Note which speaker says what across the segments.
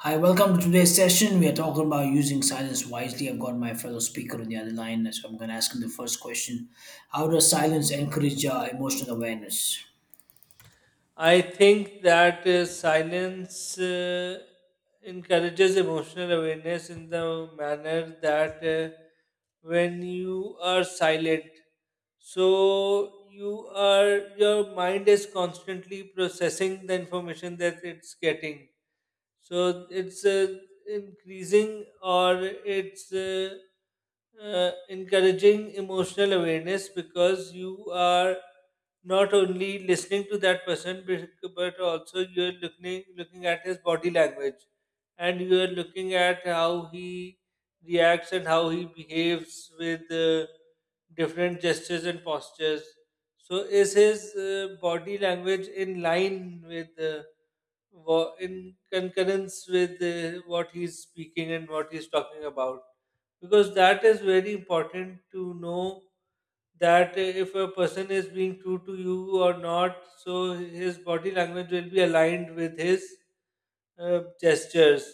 Speaker 1: Hi, welcome to today's session. We are talking about using silence wisely. I've got my fellow speaker on the other line, so I'm going to ask him the first question. How does silence encourage emotional awareness?
Speaker 2: I think that silence encourages emotional awareness in the manner that uh, when you are silent, so your mind is constantly processing the information that it's getting. So it's increasing or it's encouraging emotional awareness because you are not only listening to that person but also you're looking at his body language and you're looking at how he reacts and how he behaves with different gestures and postures, so is his body language in line with in concurrence with what he's speaking and what he's talking about? Because that is very important to know that if a person is being true to you or not, so his body language will be aligned with his gestures.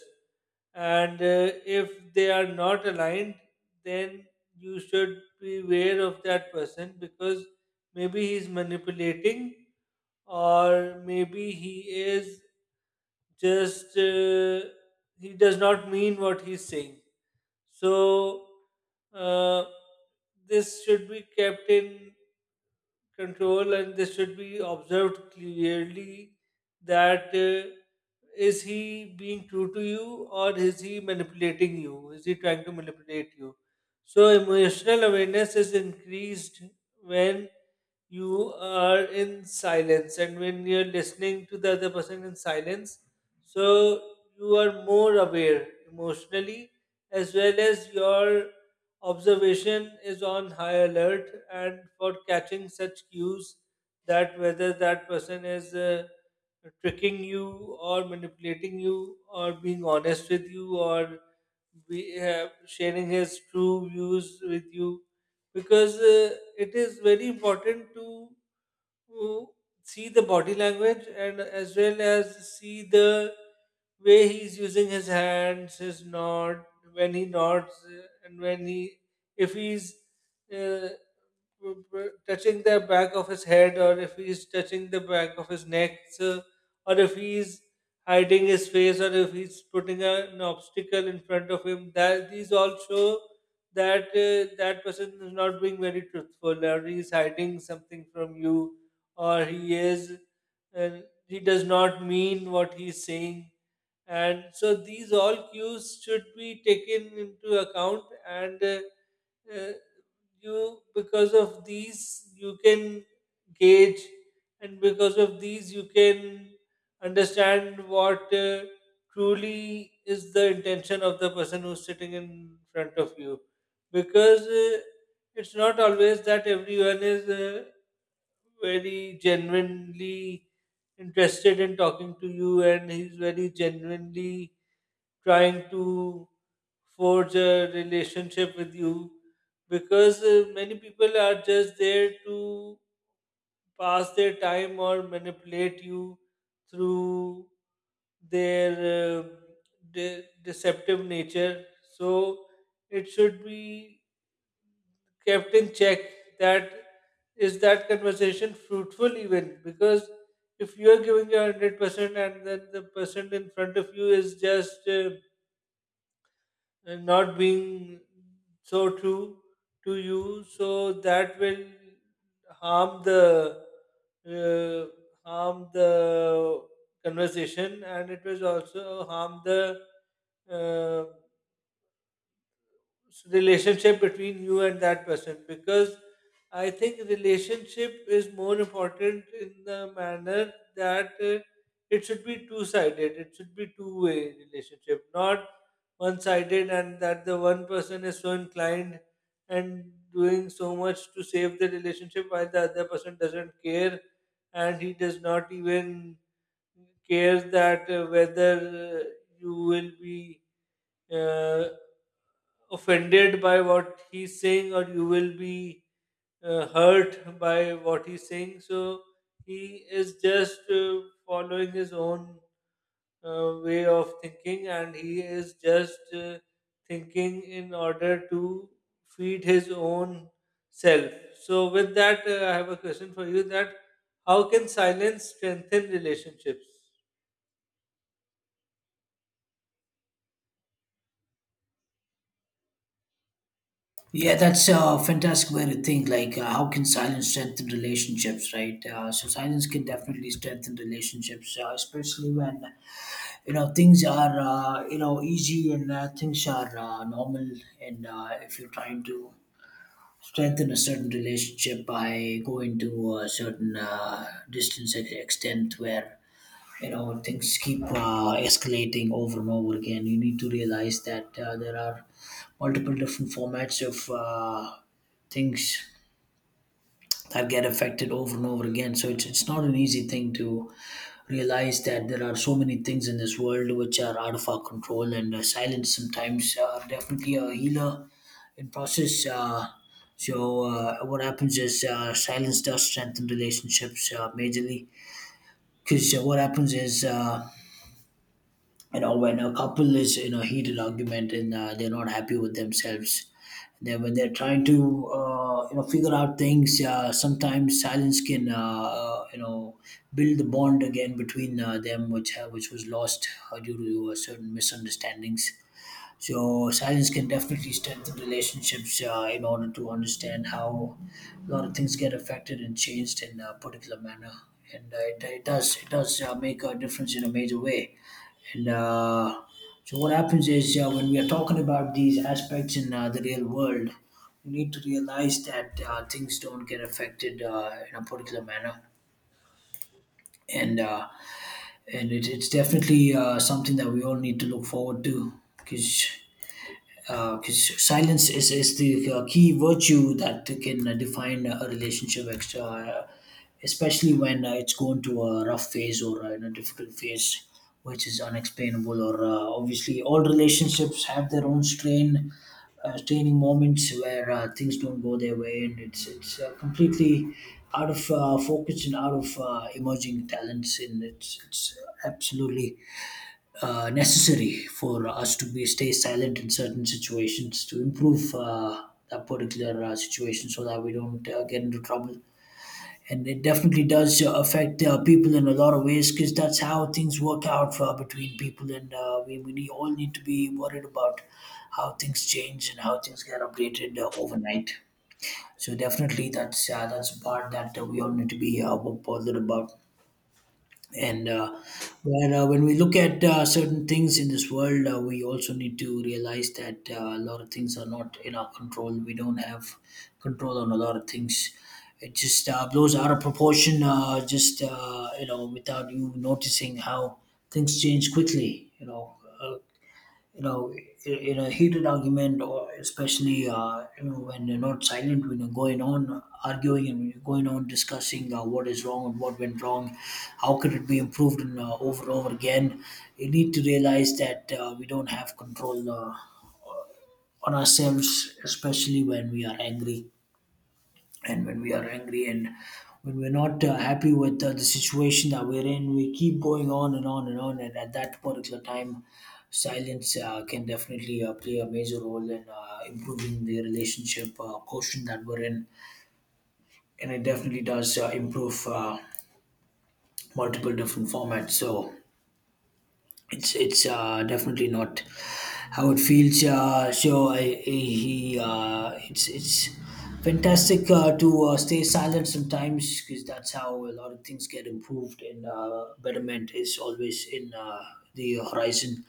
Speaker 2: And if they are not aligned, then you should be aware of that person because maybe he's manipulating, or maybe he is just he does not mean what he's saying. So, uh, this should be kept in control and this should be observed clearly that is he being true to you, or is he manipulating you, is he trying to manipulate you? So emotional awareness is increased when you are in silence and when you're listening to the other person in silence, so you are more aware emotionally, as well as your observation is on high alert and for catching such cues that whether that person is tricking you or manipulating you or being honest with you or sharing his true views with you, because it is very important to uh, see the body language and as well as see the way he's using his hands, his nod, when he nods and when he, if he's uh, touching the back of his head, or if he's touching the back of his neck, so, or if he's hiding his face, or if he's putting a, an obstacle in front of him, that these all show that that person is not being very truthful, or he's hiding something from you, or he is, and he does not mean what he's saying. And so these all cues should be taken into account, and uh, you, because of these you can gauge, and because of these you can understand what truly is the intention of the person who's sitting in front of you, because it's not always that everyone is very genuinely interested in talking to you, and he's very genuinely trying to forge a relationship with you, because many people are just there to pass their time or manipulate you through their deceptive nature. So it should be captain, check that is that conversation fruitful even, because if you are giving your 100% and then the person in front of you is just not being so true to you, so that will harm the harm the conversation, and it will also harm the uh, relationship between you and that person. Because I think relationship is more important in the manner that it should be two sided. It should be two-way relationship, not one sided, and that the one person is so inclined and doing so much to save the relationship, while the other person doesn't care and he does not even care that whether you will be uh, offended by what he's saying, or you will be hurt by what he's saying. So he is just following his own way of thinking, and he is just thinking in order to feed his own self. So, with that, I have a question for you, that how can silence strengthen relationships?
Speaker 1: Yeah, that's a fantastic way to think. How can silence strengthen relationships, right? Silence can definitely strengthen relationships, especially when things are easy and things are normal. And if you're trying to strengthen a certain relationship by going to a certain extent where things keep escalating over and over again. You need to realize that there are multiple different formats of uh, things that get affected over and over again. So it's not an easy thing to realize that there are so many things in this world which are out of our control, and silence sometimes definitely a healer in process. What happens is silence does strengthen relationships majorly because what happens is. When a couple is in a heated argument and they're not happy with themselves, then when they're trying to figure out things, sometimes silence can build the bond again between them, which which was lost due to certain misunderstandings. So silence can definitely strengthen relationships in order to understand how a lot of things get affected and changed in a particular manner. And it does, it does make a difference in a major way. and uh, what happens is, when we are talking about these aspects in the real world, we need to realize that things don't get affected in a particular manner, and uh, and it's definitely something that we all need to look forward to, because silence is the key virtue that can define a relationship extra, especially when it's going to a rough phase or in a difficult phase which is unexplainable. Or obviously all relationships have their own straining moments where things don't go their way, and it's completely out of focus and out of emerging talents. And it's absolutely necessary for us to be stay silent in certain situations to improve that particular situation, so that we don't get into trouble. And it definitely does affect people in a lot of ways, because that's how things work out between people. And all need to be worried about how things change and how things get updated overnight. So definitely that's a part that we all need to be bothered about. And when When we look at certain things in this world, we also need to realize that a lot of things are not in our control. We don't have control on a lot of things. It just blows out of proportion, just, without you noticing how things change quickly. Uh, you know in a heated argument, or especially when you're not silent, when you're going on arguing and when you're going on discussing what is wrong and what went wrong, how could it be improved. And over and over again, you need to realize that we don't have control on ourselves, especially when we are angry and when we're not happy with the situation that we're in, we keep going on and on and on. And at that particular time, silence can definitely play a major role in improving the relationship quotient that we're in. And it definitely does improve multiple different formats. So, it's definitely not how it feels. So I he it's fantastic to stay silent sometimes, because that's how a lot of things get improved. And betterment is always in the horizon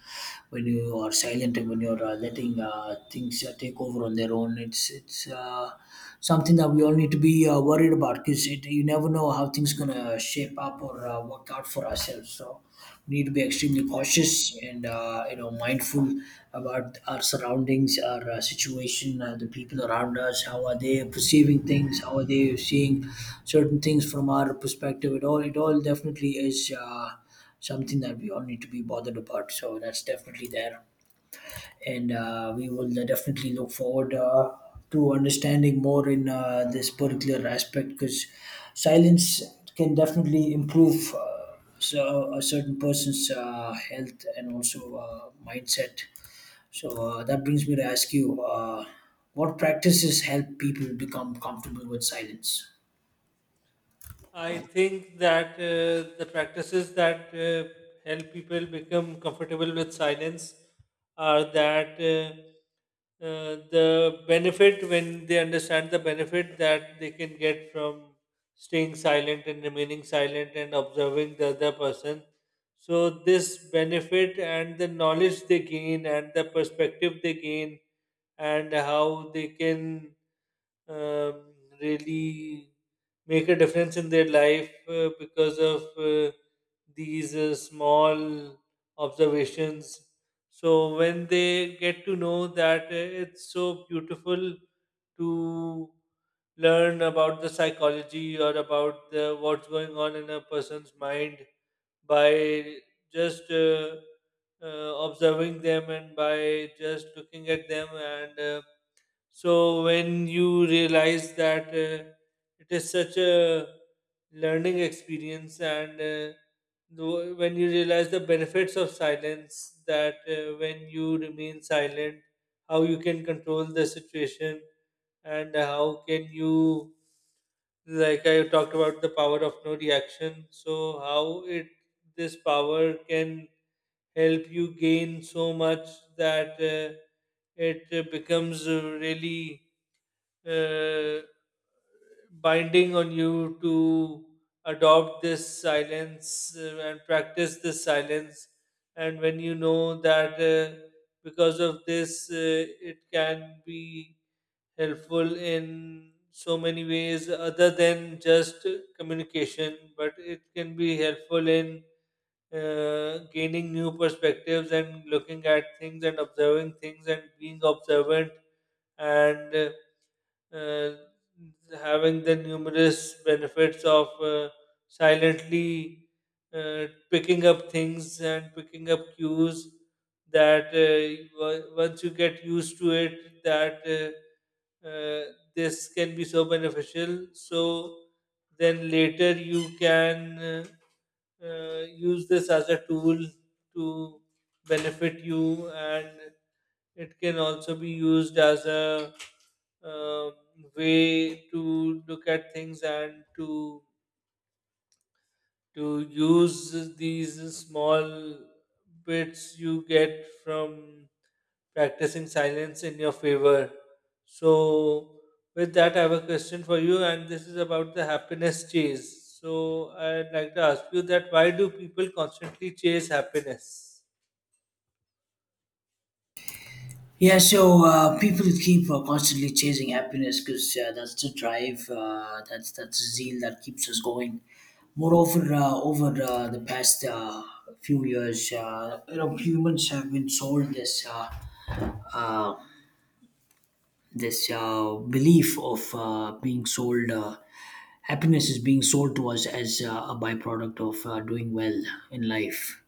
Speaker 1: when you are silent and when you're letting things take over on their own. It's something that we all need to be worried about, because you never know how things gonna shape up or work out for ourselves. So we need to be extremely cautious and mindful about our surroundings, our situation, the people around us. How are they perceiving things? How are they seeing certain things from our perspective? It all definitely is something that we all need to be bothered about. So that's definitely there. And we will definitely look forward to understanding more in this particular aspect, because silence can definitely improve a certain person's health and also mindset. So that brings me to ask you, what practices help people become comfortable with silence?
Speaker 2: I think that the practices that help people become comfortable with silence are that the benefit, when they understand the benefit that they can get from staying silent and remaining silent and observing the other person. So, this benefit and the knowledge they gain and the perspective they gain and how they can um, really make a difference in their life because of these small observations. So when they get to know that it's so beautiful to learn about the psychology, or about the, what's going on in a person's mind by just uh, observing them and by just looking at them, and so when you realize that it is such a learning experience, and when you realize the benefits of silence, that when you remain silent, how you can control the situation, and how can you, like I talked about the power of no reaction. So how it, this power can help you gain so much that it becomes really uh, binding on you to adopt this silence and practice this silence. And when you know that because of this, it can be helpful in so many ways other than just communication, but it can be helpful in gaining new perspectives and looking at things and observing things and being observant, and uh, having the numerous benefits of silently picking up things and picking up cues, that once you get used to it, that uh, this can be so beneficial, so then later you can uh, use this as a tool to benefit you, and it can also be used as a uh, way to look at things and to use these small bits you get from practicing silence in your favor. So, with that, I have a question for you, and this is about the happiness chase. So, I'd like to ask you that why do people constantly chase happiness?
Speaker 1: Yeah, so people keep constantly chasing happiness because that's the drive, that's the zeal that keeps us going. Moreover, over the past few years, humans have been sold uh, this belief of being sold. Happiness is being sold to us as a byproduct of doing well in life.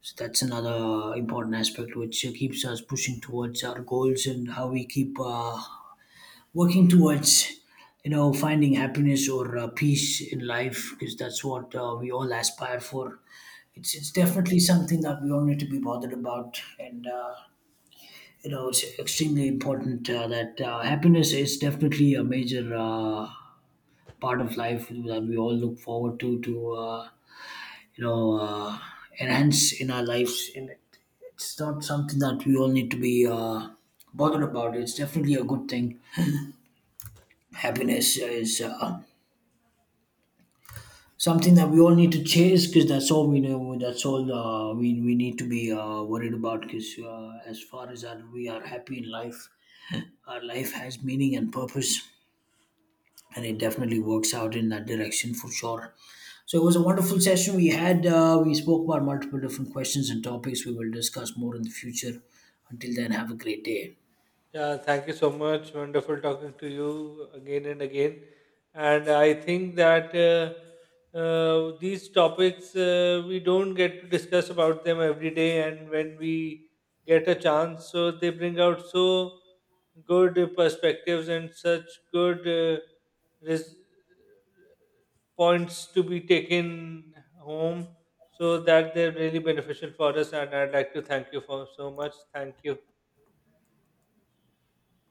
Speaker 1: So that's another important aspect which keeps us pushing towards our goals, and how we keep working towards finding happiness or peace in life, because that's what we all aspire for. It's definitely something that we all need to be bothered about. And it's extremely important that happiness is definitely a major part of life that we all look forward to you know uh, enhance in our lives. And it's not something that we all need to be bothered about. It's definitely a good thing. Happiness is something that we all need to chase, because that's all we know, that's all we need to be worried about. Because as far as that we are happy in life, our life has meaning and purpose, and it definitely works out in that direction for sure. So it was a wonderful session we had. We spoke about multiple different questions and topics. We will discuss more in the future. Until then, have a great day.
Speaker 2: Yeah, thank you so much. Wonderful talking to you again and again. And I think that these topics we don't get to discuss about them every day, and when we get a chance, so they bring out so good perspectives and such good res- points to be taken home, so that they're really beneficial for us. And I'd like to thank you for so much. Thank you.